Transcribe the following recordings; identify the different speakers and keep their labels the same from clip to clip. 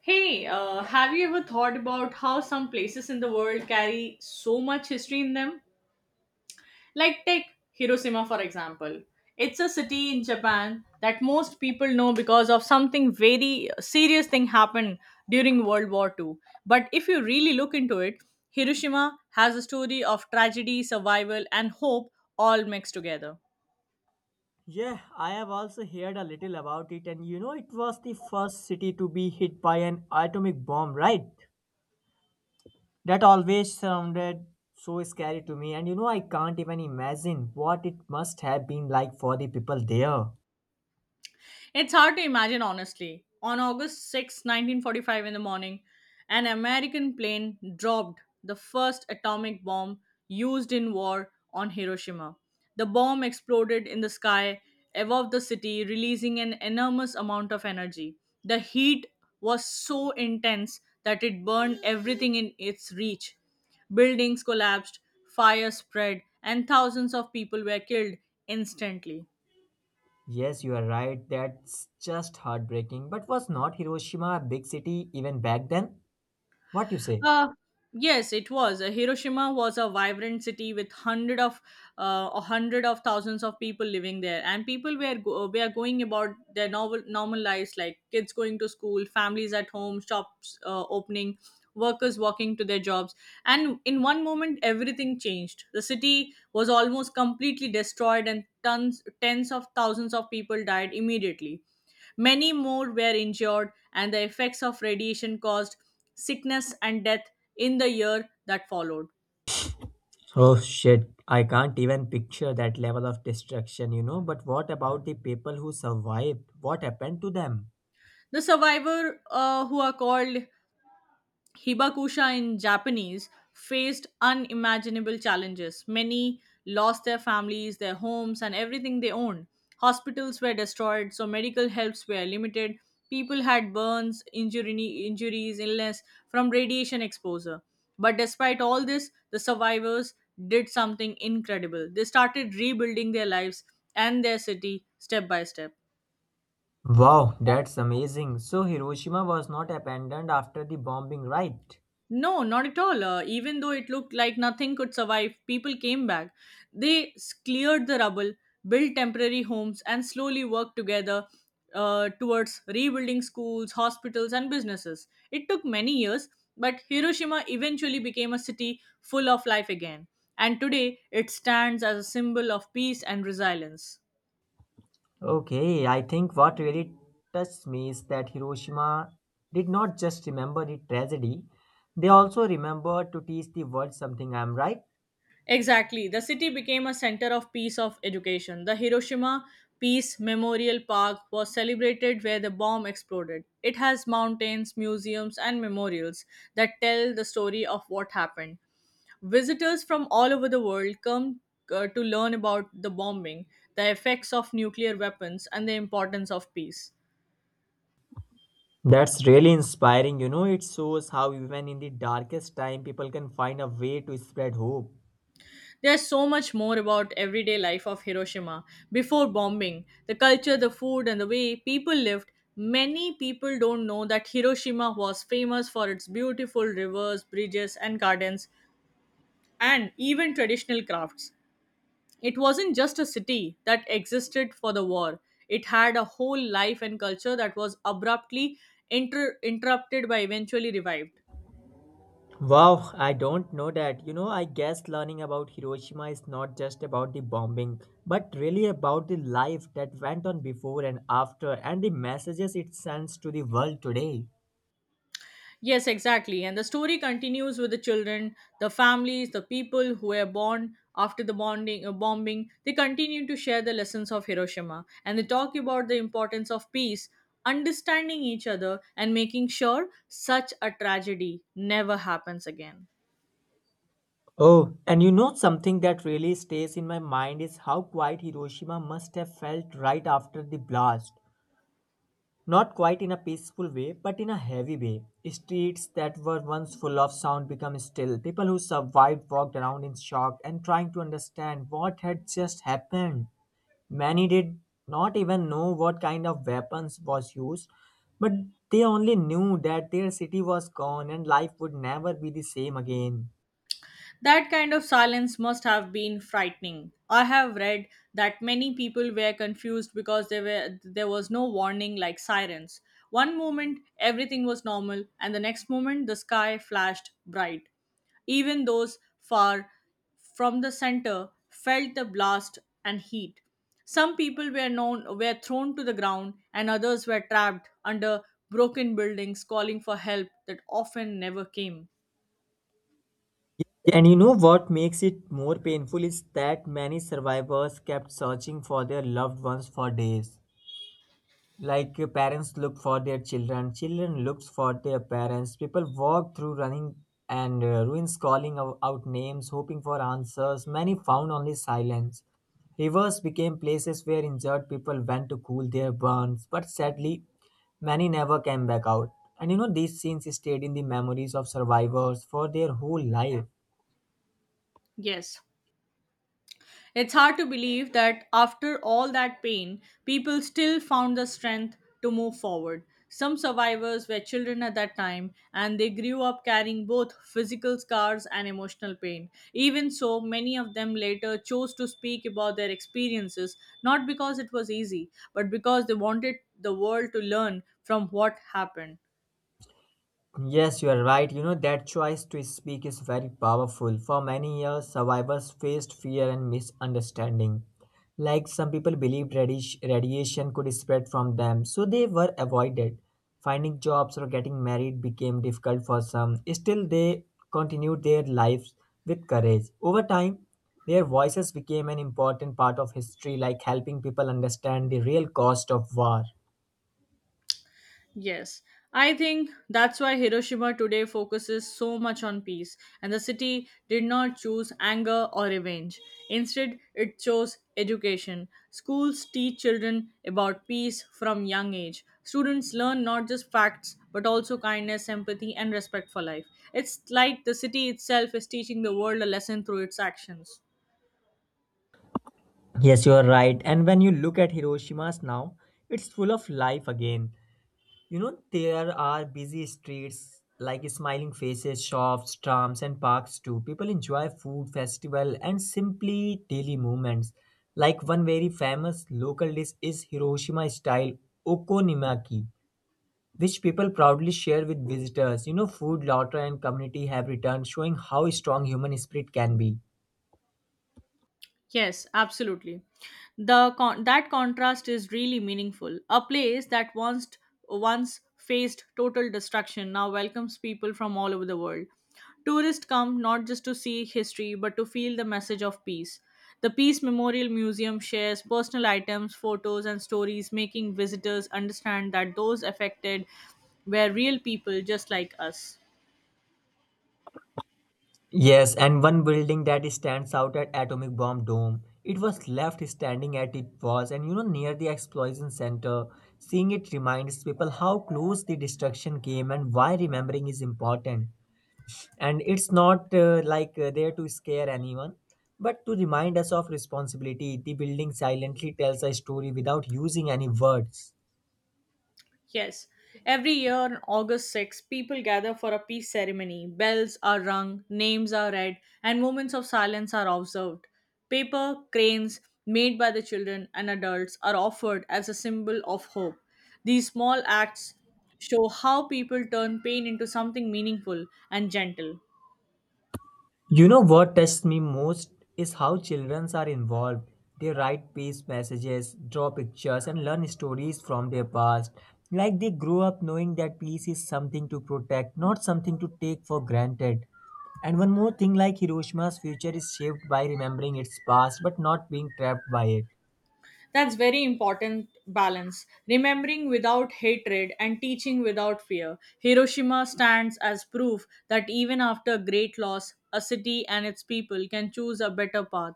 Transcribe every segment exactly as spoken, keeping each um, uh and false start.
Speaker 1: Hey, uh, have you ever thought about how some places in the world carry so much history in them? Like, take Hiroshima, for example. It's a city in Japan that most people know because of something very serious thing happened during World War Two. But if you really look into it, Hiroshima has a story of tragedy, survival, and hope all mixed together.
Speaker 2: Yeah, I have also heard a little about it, and you know, it was the first city to be hit by an atomic bomb, right? That always sounded so scary to me, and you know, I can't even imagine what it must have been like for the people there.
Speaker 1: It's hard to imagine, honestly. On August sixth, nineteen forty-five, in the morning, an American plane dropped the first atomic bomb used in war on Hiroshima. The bomb exploded in the sky above the city, releasing an enormous amount of energy. The heat was so intense that it burned everything in its reach. Buildings collapsed, fire spread, and thousands of people were killed instantly.
Speaker 2: Yes, you are right, that's just heartbreaking. But was not Hiroshima a big city even back then? What you say?
Speaker 1: Uh, yes, it was. Uh, Hiroshima was a vibrant city with hundred of uh, a hundred of thousands of people living there, and people were go- were going about their normal normal lives, like kids going to school, families at home, shops uh, opening, workers walking to their jobs. And in one moment, everything changed. The city was almost completely destroyed, and tons tens of thousands of people died immediately. Many more were injured, and the effects of radiation caused sickness and death in the year that followed.
Speaker 2: Oh shit, I can't even picture that level of destruction, you know. But what about the people who survived? What happened to them?
Speaker 1: The survivors, uh, who are called Hibakusha in Japanese faced unimaginable challenges. Many lost their families, their homes, and everything they owned. Hospitals were destroyed, so medical helps were limited. People had burns, injury, injuries, illness from radiation exposure. But despite all this, the survivors did something incredible. They started rebuilding their lives and their city step by step.
Speaker 2: Wow, that's amazing. So Hiroshima was not abandoned after the bombing, right?
Speaker 1: No, not at all. Uh, even though it looked like nothing could survive, people came back. They s- cleared the rubble, built temporary homes, and slowly worked together uh, towards rebuilding schools, hospitals, and businesses. It took many years, but Hiroshima eventually became a city full of life again. And today, it stands as a symbol of peace and resilience.
Speaker 2: Okay, I think what really touched me is that Hiroshima did not just remember the tragedy, they also remembered to teach the world something, I'm right?
Speaker 1: Exactly. The city became a center of peace of education. The Hiroshima Peace Memorial Park was celebrated where the bomb exploded. It has mountains, museums, and memorials that tell the story of what happened. Visitors from all over the world come uh, to learn about the bombing, the effects of nuclear weapons, and the importance of peace.
Speaker 2: That's really inspiring. You know, it shows how even in the darkest time, people can find a way to spread hope.
Speaker 1: There's so much more about everyday life of Hiroshima before bombing, the culture, the food and the way people lived. Many people don't know that Hiroshima was famous for its beautiful rivers, bridges and gardens and even traditional crafts. It wasn't just a city that existed for the war. It had a whole life and culture that was abruptly inter- interrupted by eventually revived.
Speaker 2: Wow, I don't know that. You know, I guess learning about Hiroshima is not just about the bombing, but really about the life that went on before and after and the messages it sends to the world today.
Speaker 1: Yes, exactly. And the story continues with the children, the families, the people who were born after the bonding, uh, bombing. They continue to share the lessons of Hiroshima and they talk about the importance of peace, understanding each other, and making sure such a tragedy never happens again.
Speaker 2: Oh, and you know something that really stays in my mind is how quiet Hiroshima must have felt right after the blast. Not quite in a peaceful way, but in a heavy way. Streets that were once full of sound become still. People who survived walked around in shock and trying to understand what had just happened. Many did not even know what kind of weapons was used, but they only knew that their city was gone and life would never be the same again.
Speaker 1: That kind of silence must have been frightening. I have read that many people were confused because there were there was no warning like sirens. One moment everything was normal and the next moment the sky flashed bright. Even those far from the center felt the blast and heat. Some people were known were thrown to the ground and others were trapped under broken buildings calling for help that often never came.
Speaker 2: And you know what makes it more painful is that many survivors kept searching for their loved ones for days. Like uh, parents look for their children, children looks for their parents, people walk through running and uh, ruins, calling ou- out names, hoping for answers. Many found only silence. Rivers became places where injured people went to cool their burns, but sadly many never came back out. And you know, these scenes stayed in the memories of survivors for their whole life.
Speaker 1: Yes, it's hard to believe that after all that pain, people still found the strength to move forward. Some survivors were children at that time and they grew up carrying both physical scars and emotional pain. Even so, many of them later chose to speak about their experiences not because it was easy, but because they wanted the world to learn from what happened.
Speaker 2: Yes, you are right. You know, that choice to speak is very powerful. For many years, survivors faced fear and misunderstanding. Like some people believed radish- radiation could spread from them, so they were avoided. Finding jobs or getting married became difficult for some. Still, they continued their lives with courage. Over time, their voices became an important part of history, like helping people understand the real cost of war.
Speaker 1: Yes, I think that's why Hiroshima today focuses so much on peace, and the city did not choose anger or revenge. Instead, it chose education. Schools teach children about peace from young age. Students learn not just facts but also kindness, empathy, and respect for life. It's like the city itself is teaching the world a lesson through its actions.
Speaker 2: Yes, you are right. And when you look at Hiroshima's now, it's full of life again. You know, there are busy streets, like smiling faces, shops, trams, and parks too. People enjoy food festival and simply daily movements. Like one very famous local dish is Hiroshima style okonomiyaki, which people proudly share with visitors. You know, food, laughter, and community have returned, showing how strong human spirit can be.
Speaker 1: Yes, absolutely. The con- that contrast is really meaningful. A place that once once faced total destruction now welcomes people from all over the world. Tourists come not just to see history but to feel the message of peace. The Peace Memorial Museum shares personal items, photos and stories making visitors understand that those affected were real people just like us.
Speaker 2: Yes, and one building that stands out at Atomic Bomb Dome. It was left standing at it was, and you know, near the explosion center. Seeing it reminds people how close the destruction came and why remembering is important. And it's not uh, like uh, there to scare anyone, but to remind us of responsibility. The building silently tells a story without using any words.
Speaker 1: Yes, every year on August sixth, people gather for a peace ceremony. Bells are rung, names are read, and moments of silence are observed. Paper cranes made by the children and adults are offered as a symbol of hope. These small acts show how people turn pain into something meaningful and gentle.
Speaker 2: You know what touched me most is how children are involved. They write peace messages, draw pictures, and learn stories from their past. Like they grow up knowing that peace is something to protect, not something to take for granted. And one more thing, like Hiroshima's future is shaped by remembering its past but not being trapped by it.
Speaker 1: That's very important balance. Remembering without hatred and teaching without fear. Hiroshima stands as proof that even after great loss, a city and its people can choose a better path.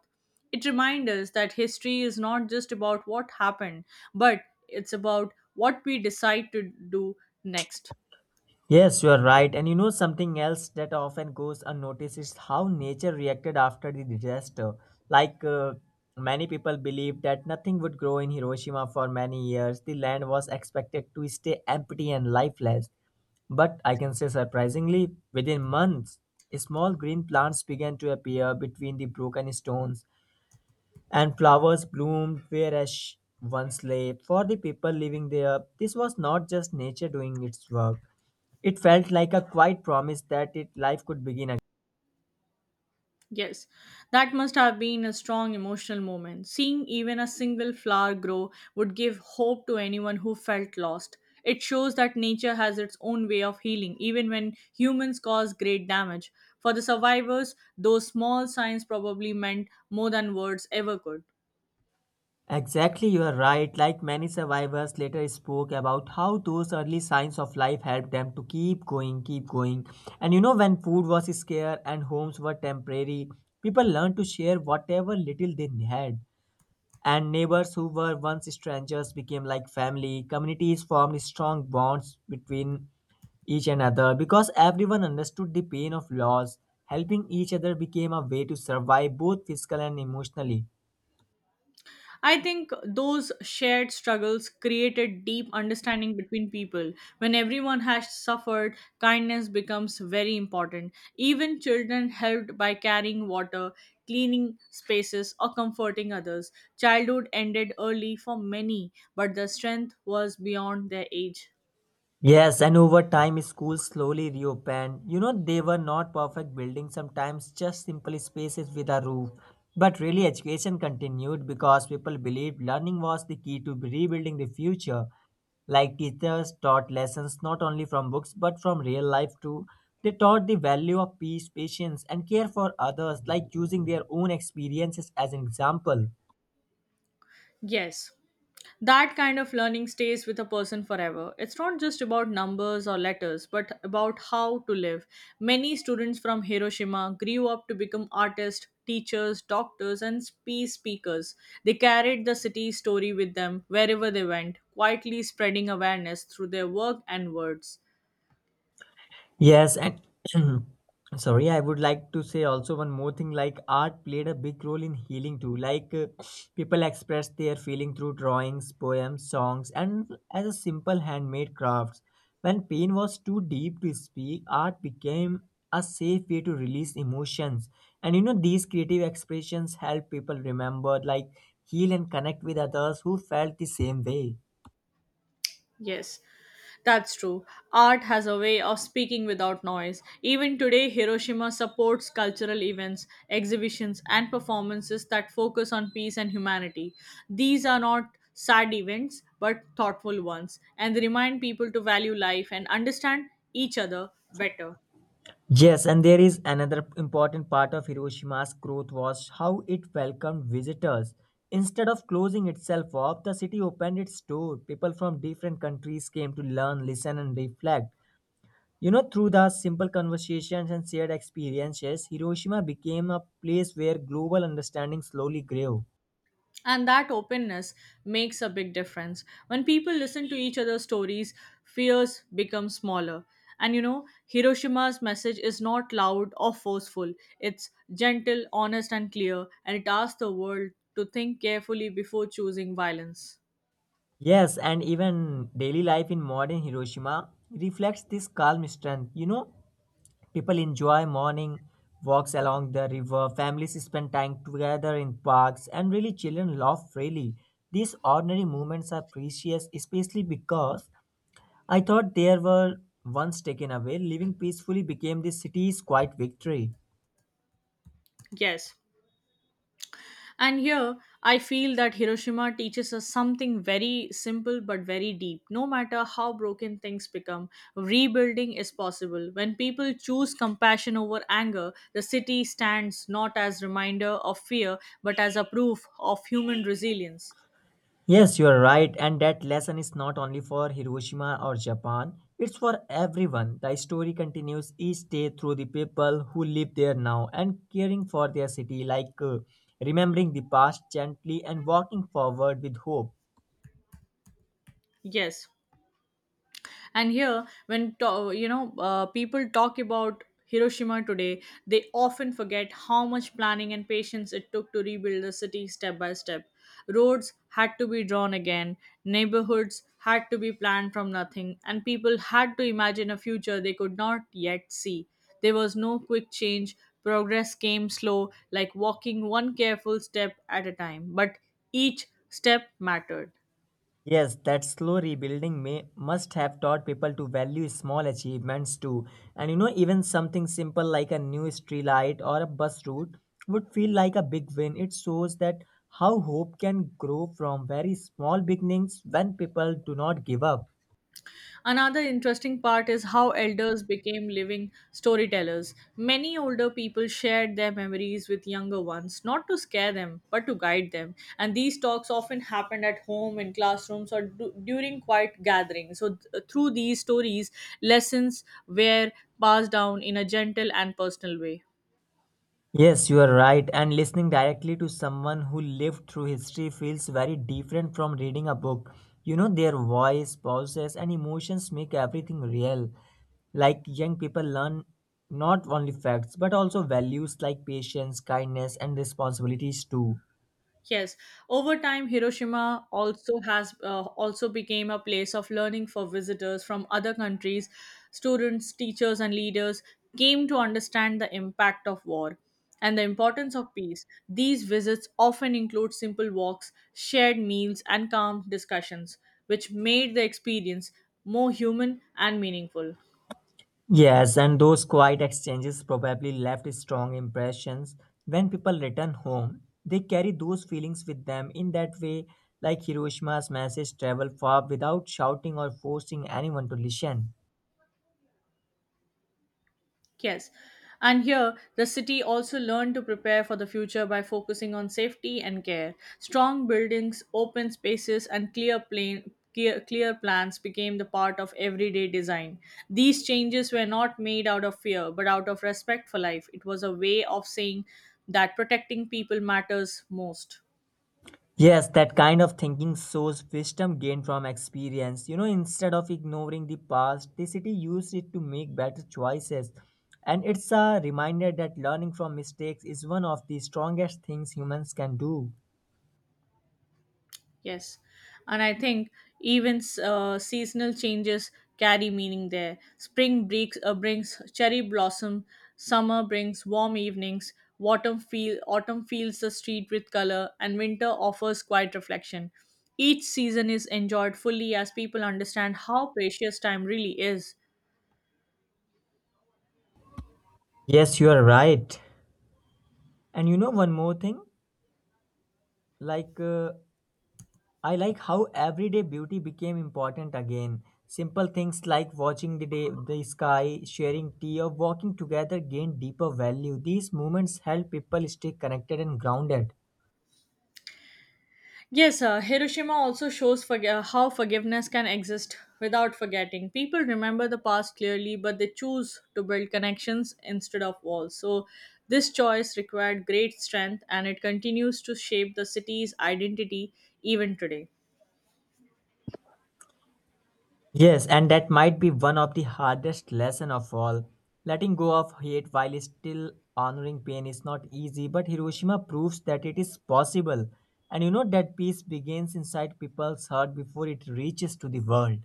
Speaker 1: It reminds us that history is not just about what happened, but it's about what we decide to do next.
Speaker 2: Yes, you are right. And you know something else that often goes unnoticed is how nature reacted after the disaster. Like uh, many people believed that nothing would grow in Hiroshima for many years. The land was expected to stay empty and lifeless. But I can say surprisingly, within months, small green plants began to appear between the broken stones and flowers bloomed where she once lay. For the people living there, this was not just nature doing its work. It felt like a quiet promise that it, life could begin again.
Speaker 1: Yes, that must have been a strong emotional moment. Seeing even a single flower grow would give hope to anyone who felt lost. It shows that nature has its own way of healing, even when humans cause great damage. For the survivors, those small signs probably meant more than words ever could.
Speaker 2: Exactly, you are right. Like many survivors later spoke about how those early signs of life helped them to keep going, keep going. And you know, when food was scarce and homes were temporary, people learned to share whatever little they had. And neighbors who were once strangers became like family. Communities formed strong bonds between each another because everyone understood the pain of loss. Helping each other became a way to survive both physical and emotionally.
Speaker 1: I think those shared struggles created deep understanding between people. When everyone has suffered, kindness becomes very important. Even children helped by carrying water, cleaning spaces, or comforting others. Childhood ended early for many, but their strength was beyond their age.
Speaker 2: Yes, and over time, schools slowly reopened. You know, they were not perfect buildings, sometimes just simple spaces with a roof. But really, education continued because people believed learning was the key to rebuilding the future. Like teachers taught lessons not only from books but from real life too. They taught the value of peace, patience, and care for others, like using their own experiences as an example.
Speaker 1: Yes, that kind of learning stays with a person forever. It's not just about numbers or letters, but about how to live. Many students from Hiroshima grew up to become artists, teachers, doctors, and peace speakers. They carried the city's story with them wherever they went, quietly spreading awareness through their work and words.
Speaker 2: Yes, and sorry, I would like to say also one more thing, like art played a big role in healing too. Like uh, people expressed their feeling through drawings, poems, songs, and as a simple handmade crafts. When pain was too deep to speak, art became a safe way to release emotions. And you know, these creative expressions help people remember, like heal and connect with others who felt the same way.
Speaker 1: Yes, that's true. Art has a way of speaking without noise. Even today, Hiroshima supports cultural events, exhibitions, and performances that focus on peace and humanity. These are not sad events, but thoughtful ones, and they remind people to value life and understand each other better.
Speaker 2: Yes, and there is another important part of Hiroshima's growth was how it welcomed visitors. Instead of closing itself off, the city opened its door. People from different countries came to learn, listen, and reflect. You know, through the simple conversations and shared experiences, Hiroshima became a place where global understanding slowly grew.
Speaker 1: And that openness makes a big difference. When people listen to each other's stories, fears become smaller. And you know, Hiroshima's message is not loud or forceful, it's gentle, honest, and clear, and it asks the world to think carefully before choosing violence.
Speaker 2: Yes, and even daily life in modern Hiroshima reflects this calm strength. You know, people enjoy morning walks along the river, families spend time together in parks, and really children laugh freely. These ordinary moments are precious, especially because I thought they were once taken away. Living peacefully became the city's quiet victory.
Speaker 1: Yes, and here, I feel that Hiroshima teaches us something very simple but very deep. No matter how broken things become, rebuilding is possible. When people choose compassion over anger, the city stands not as reminder of fear but as a proof of human resilience.
Speaker 2: Yes, you are right, and that lesson is not only for Hiroshima or Japan, it's for everyone. The story continues each day through the people who live there now and caring for their city, like uh, remembering the past gently and walking forward with hope.
Speaker 1: Yes, and here when to, you know uh, people talk about Hiroshima today, they often forget how much planning and patience it took to rebuild the city step by step. Roads had to be drawn again, neighborhoods had to be planned from nothing, and people had to imagine a future they could not yet see. There was no quick change. Progress came slow, like walking one careful step at a time, but each step mattered.
Speaker 2: Yes, that slow rebuilding may must have taught people to value small achievements too. And you know, even something simple like a new street light or a bus route would feel like a big win. It shows that how hope can grow from very small beginnings when people do not give up.
Speaker 1: Another interesting part is how elders became living storytellers. Many older people shared their memories with younger ones, not to scare them, but to guide them. And these talks often happened at home, in classrooms, or du- during quiet gatherings. So, th- through these stories, lessons were passed down in a gentle and personal way.
Speaker 2: Yes, you are right. And listening directly to someone who lived through history feels very different from reading a book. You know, their voice, pauses, and emotions make everything real. Like young people learn not only facts but also values like patience, kindness, and responsibilities too.
Speaker 1: Yes, over time, Hiroshima also has uh, also became a place of learning for visitors from other countries. Students, teachers, and leaders came to understand the impact of war and the importance of peace. These visits often include simple walks, shared meals, and calm discussions, which made the experience more human and meaningful.
Speaker 2: Yes, and those quiet exchanges probably left strong impressions. When people return home, they carry those feelings with them. In that way, like Hiroshima's message travel far without shouting or forcing anyone to listen.
Speaker 1: Yes. And here, the city also learned to prepare for the future by focusing on safety and care. Strong buildings, open spaces, and clear plain Clear, clear plans became the part of everyday design. These changes were not made out of fear, but out of respect for life. It was a way of saying that protecting people matters most.
Speaker 2: Yes, that kind of thinking shows wisdom gained from experience. You know, instead of ignoring the past, the city used it to make better choices. And it's a reminder that learning from mistakes is one of the strongest things humans can do.
Speaker 1: Yes, and I think even s- uh, seasonal changes carry meaning there. Spring breaks, uh, brings cherry blossom, summer brings warm evenings, autumn, feel, autumn fills the street with color, and winter offers quiet reflection. Each season is enjoyed fully as people understand how precious time really is.
Speaker 2: Yes, you are right. And you know one more thing, like uh, I like how everyday beauty became important again. Simple things like watching the day, the sky, sharing tea, or walking together gain deeper value. These moments help people stay connected and grounded.
Speaker 1: Yes, uh, Hiroshima also shows forg- uh, how forgiveness can exist without forgetting. People remember the past clearly, but they choose to build connections instead of walls. So, this choice required great strength and it continues to shape the city's identity even today.
Speaker 2: Yes, and that might be one of the hardest lesson of all. Letting go of hate while still honoring pain is not easy, but Hiroshima proves that it is possible. And you know that peace begins inside people's heart before it reaches to the world.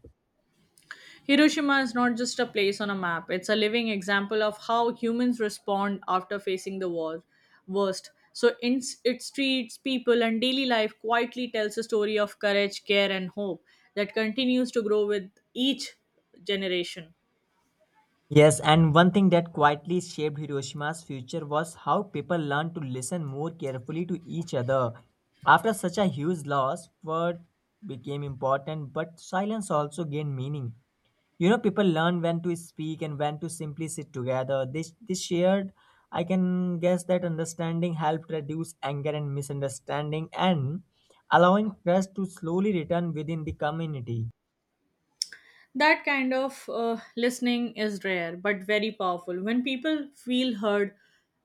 Speaker 1: Hiroshima is not just a place on a map, it's a living example of how humans respond after facing the war, worst. So its, its streets, people, and daily life quietly tells a story of courage, care, and hope that continues to grow with each generation.
Speaker 2: Yes, and one thing that quietly shaped Hiroshima's future was how people learned to listen more carefully to each other. After such a huge loss, word became important, but silence also gained meaning. You know, people learned when to speak and when to simply sit together. This this shared, I can guess that understanding helped reduce anger and misunderstanding and allowing trust to slowly return within the community.
Speaker 1: That kind of uh, listening is rare but very powerful. When people feel heard,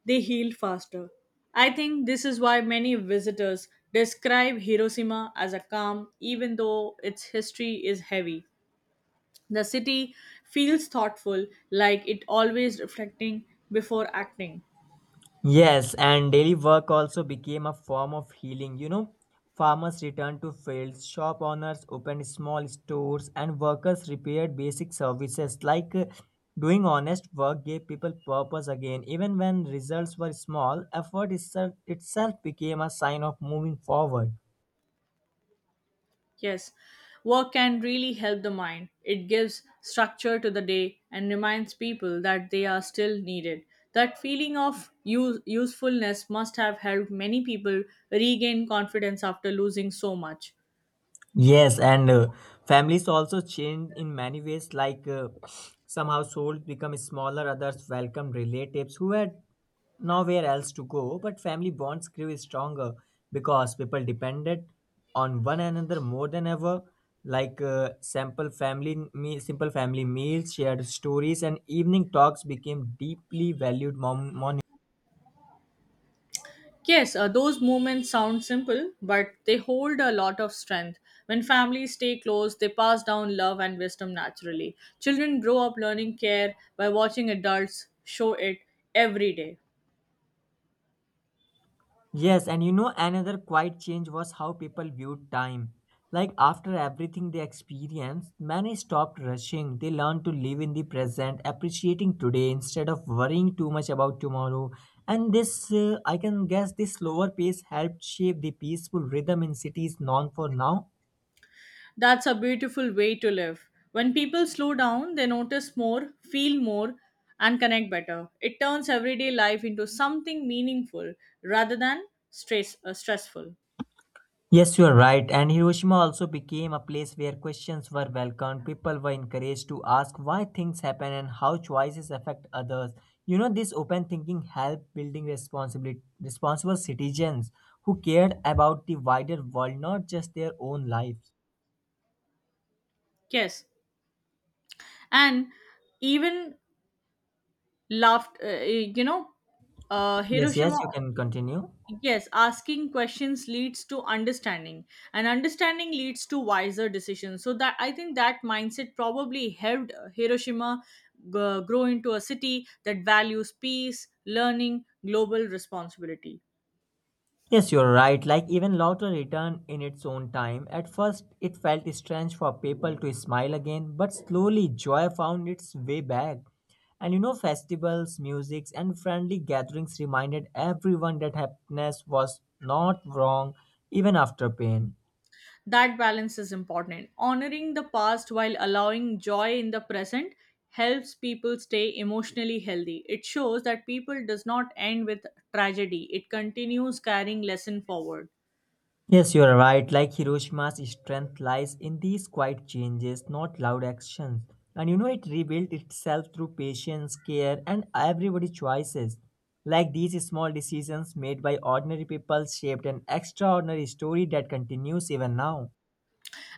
Speaker 1: they heal faster. I think this is why many visitors describe Hiroshima as a calm, even though its history is heavy. The city feels thoughtful, like it always reflecting before acting.
Speaker 2: Yes, and daily work also became a form of healing. You know, farmers returned to fields, shop owners opened small stores, and workers repaired basic services. Like uh, doing honest work gave people purpose again. Even when results were small, effort itself, itself became a sign of moving forward.
Speaker 1: Yes, work can really help the mind. It gives structure to the day and reminds people that they are still needed. That feeling of use- usefulness must have helped many people regain confidence after losing so much.
Speaker 2: Yes, and uh, families also changed in many ways, like uh, some households become smaller, others welcome relatives who had nowhere else to go, but family bonds grew stronger because people depended on one another more than ever. Like uh, simple family me- simple family meals, shared stories, and evening talks became deeply valued mom-
Speaker 1: Yes, uh, those moments sound simple, but they hold a lot of strength. When families stay close, they pass down love and wisdom naturally. Children grow up learning care by watching adults show it every day.
Speaker 2: Yes, and you know, another quiet change was how people viewed time. Like after everything they experienced, many stopped rushing. They learned to live in the present, appreciating today instead of worrying too much about tomorrow. And this, uh, I can guess, this slower pace helped shape the peaceful rhythm in cities known for now.
Speaker 1: That's a beautiful way to live. When people slow down, they notice more, feel more, and connect better. It turns everyday life into something meaningful rather than stress uh, stressful.
Speaker 2: Yes, you are right. And Hiroshima also became a place where questions were welcomed. People were encouraged to ask why things happen and how choices affect others. You know, this open thinking helped building responsibility, responsible citizens who cared about the wider world, not just their own lives.
Speaker 1: Yes, and even laughed. Uh, you know, uh,
Speaker 2: Yes, yes,
Speaker 1: Hiroshima.
Speaker 2: you can continue.
Speaker 1: Yes, asking questions leads to understanding, and understanding leads to wiser decisions. So that I think that mindset probably helped uh, Hiroshima g- grow into a city that values peace, learning, global responsibility.
Speaker 2: Yes, you're right. Like even laughter returned in its own time. At first, it felt strange for people to smile again, but slowly joy found its way back. And you know, festivals, musics, and friendly gatherings reminded everyone that happiness was not wrong even after pain.
Speaker 1: That balance is important. Honoring the past while allowing joy in the present helps people stay emotionally healthy. It shows that people does not end with tragedy. It continues carrying lesson forward.
Speaker 2: Yes, you are right. Like Hiroshima's strength lies in these quiet changes, not loud actions. And you know, it rebuilt itself through patience, care, and everybody's choices. Like these small decisions made by ordinary people shaped an extraordinary story that continues even now.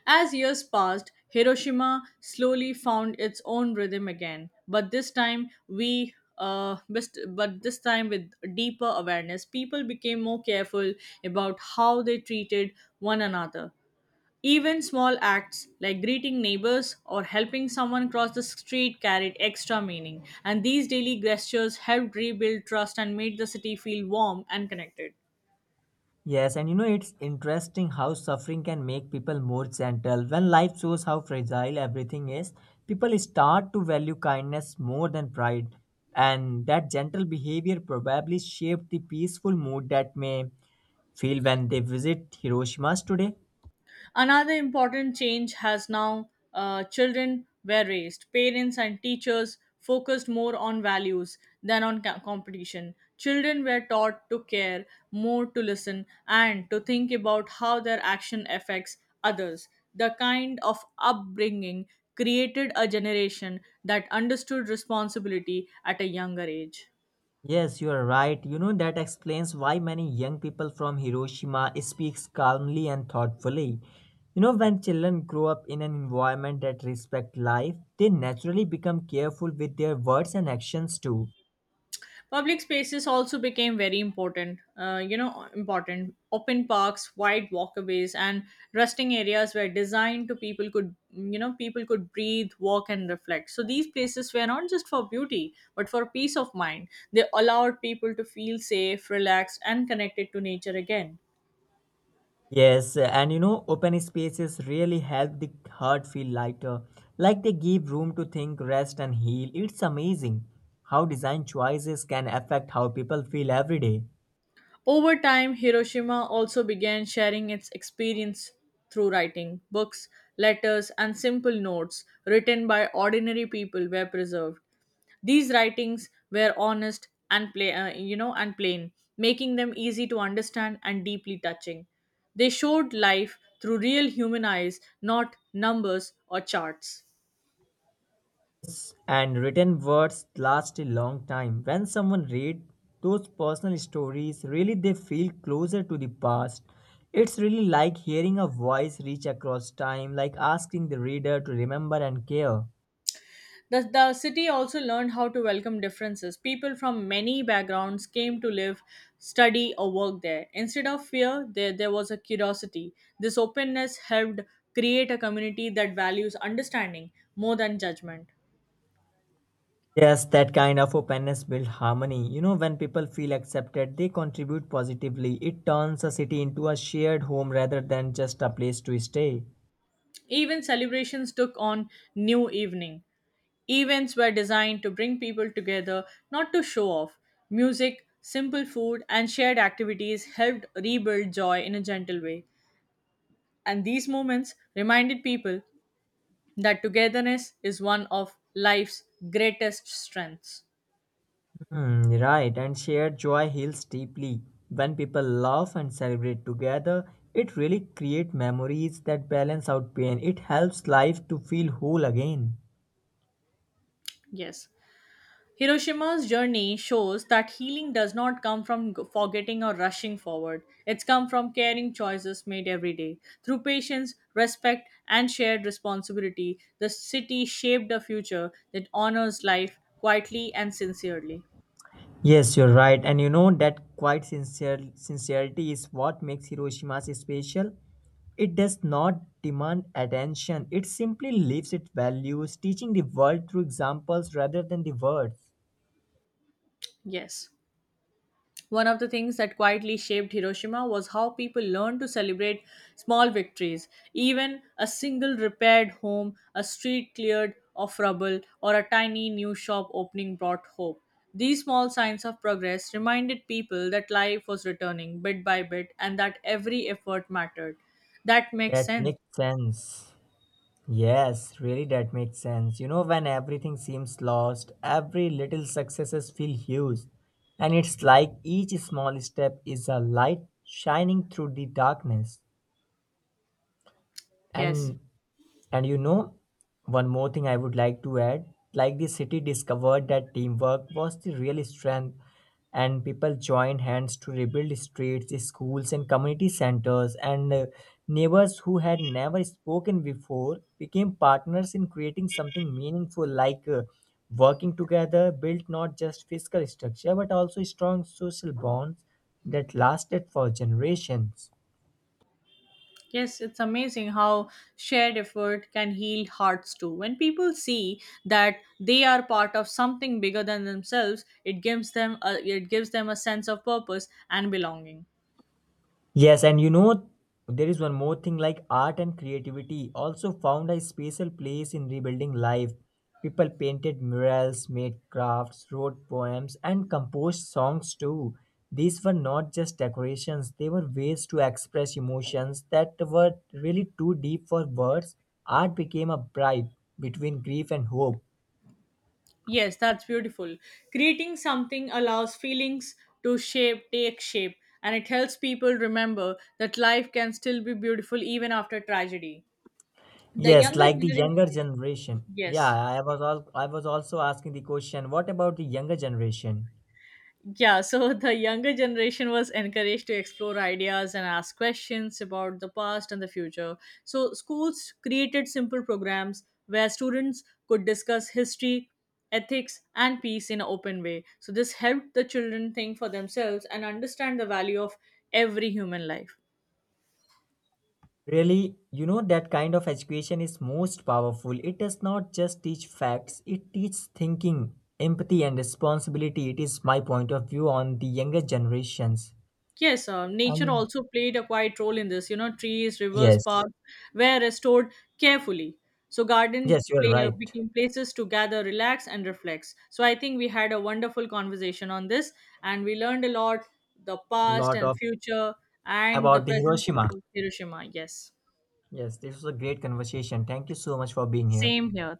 Speaker 1: As years passed, Hiroshima slowly found its own rhythm again, but this time we uh, best- but this time with deeper awareness, people became more careful about how they treated one another. Even small acts like greeting neighbors or helping someone cross the street carried extra meaning, and these daily gestures helped rebuild trust and made the city feel warm and connected.
Speaker 2: Yes, and you know, it's interesting how suffering can make people more gentle. When life shows how fragile everything is, people start to value kindness more than pride. And that gentle behavior probably shaped the peaceful mood that may feel when they visit Hiroshima's today.
Speaker 1: Another important change has now uh, children were raised. Parents and teachers focused more on values than on ca- competition. Children were taught to care, more to listen, and to think about how their action affects others. The kind of upbringing created a generation that understood responsibility at a younger age.
Speaker 2: Yes, you are right. You know, that explains why many young people from Hiroshima speaks calmly and thoughtfully. You know, when children grow up in an environment that respect life, they naturally become careful with their words and actions too.
Speaker 1: Public spaces also became very important. Uh, you know, important. Open parks, wide walkways, and resting areas were designed to people could you know people could breathe, walk, and reflect. So these places were not just for beauty, but for peace of mind. They allowed people to feel safe, relaxed, and connected to nature again.
Speaker 2: Yes, and you know, open spaces really help the heart feel lighter. Like they give room to think, rest, and heal. It's amazing how design choices can affect how people feel every day.
Speaker 1: Over time, Hiroshima also began sharing its experience through writing. Books, letters, and simple notes written by ordinary people were preserved. These writings were honest and pla- uh, you know and plain, making them easy to understand and deeply touching. They showed life through real human eyes, not numbers or charts.
Speaker 2: And written words last a long time. When someone read those personal stories, really they feel closer to the past. It's really like hearing a voice reach across time, like asking the reader to remember and care.
Speaker 1: The, the city also learned how to welcome differences. People from many backgrounds came to live, study, or work there. Instead of fear, there, there was a curiosity. This openness helped create a community that values understanding more than judgment.
Speaker 2: Yes, that kind of openness builds harmony. You know, when people feel accepted, they contribute positively. It turns a city into a shared home rather than just a place to stay.
Speaker 1: Even celebrations took on new evening. Events were designed to bring people together, not to show off. Music, simple food, and shared activities helped rebuild joy in a gentle way. And these moments reminded people that togetherness is one of life's greatest strengths.
Speaker 2: Hmm, right, and shared joy heals deeply. When people laugh and celebrate together, it really creates memories that balance out pain. It helps life to feel whole again.
Speaker 1: Yes. Hiroshima's journey shows that healing does not come from g- forgetting or rushing forward. It's come from caring choices made every day. Through patience, respect, and shared responsibility, the city shaped a future that honors life quietly and sincerely.
Speaker 2: Yes, you're right, and you know that quite sincere sincerity is what makes Hiroshima special. It does not demand attention; it simply lives its values, teaching the world through examples rather than the words.
Speaker 1: Yes. One of the things that quietly shaped Hiroshima was how people learned to celebrate small victories. Even a single repaired home, a street cleared of rubble, or a tiny new shop opening brought hope. These small signs of progress reminded people that life was returning bit by bit and that every effort mattered. That makes
Speaker 2: That
Speaker 1: sense.
Speaker 2: makes sense. Yes, really, that makes sense. You know, when everything seems lost, every little successes feel huge, and it's like each small step is a light shining through the darkness.
Speaker 1: Yes.
Speaker 2: And and you know, one more thing I would like to add like the city discovered that teamwork was the real strength, and people joined hands to rebuild streets, schools, and community centers. And uh, neighbors who had never spoken before became partners in creating something meaningful, like uh, working together, built not just physical structure but also strong social bonds that lasted for generations.
Speaker 1: Yes, it's amazing how shared effort can heal hearts too. When people see that they are part of something bigger than themselves, it gives them a, it gives them a sense of purpose and belonging.
Speaker 2: Yes, and you know, there is one more thing like art and creativity also found a special place in rebuilding life. People painted murals, made crafts, wrote poems, and composed songs too. These were not just decorations, they were ways to express emotions that were really too deep for words. Art became a bridge between grief and hope.
Speaker 1: Yes, that's beautiful. Creating something allows feelings to shape, take shape, and it helps people remember that life can still be beautiful even after tragedy. The
Speaker 2: Yes,
Speaker 1: younger
Speaker 2: like the
Speaker 1: generation,
Speaker 2: younger generation. Yeah,
Speaker 1: yes.
Speaker 2: I was all I was also asking the question, what about the younger generation?
Speaker 1: Yeah, so the younger generation was encouraged to explore ideas and ask questions about the past and the future. So, schools created simple programs where students could discuss history, ethics, and peace in an open way. So, this helped the children think for themselves and understand the value of every human life.
Speaker 2: Really, you know, that kind of education is most powerful. It does not just teach facts, it teaches thinking, empathy, and responsibility. It is my point of view on the younger generations.
Speaker 1: Yes, uh, nature
Speaker 2: And
Speaker 1: also played a quiet role in this. You know, trees, rivers,
Speaker 2: yes,
Speaker 1: parks were restored carefully. So, garden
Speaker 2: yes, you are
Speaker 1: play, uh,
Speaker 2: right.
Speaker 1: became places to gather, relax, and reflect. So, I think we had a wonderful conversation on this, and we learned a lot the past
Speaker 2: Lot
Speaker 1: and
Speaker 2: of
Speaker 1: future and the
Speaker 2: about the
Speaker 1: present
Speaker 2: Hiroshima.
Speaker 1: about Hiroshima. Yes,
Speaker 2: Yes, this was a great conversation. Thank you so much for being here.
Speaker 1: same here.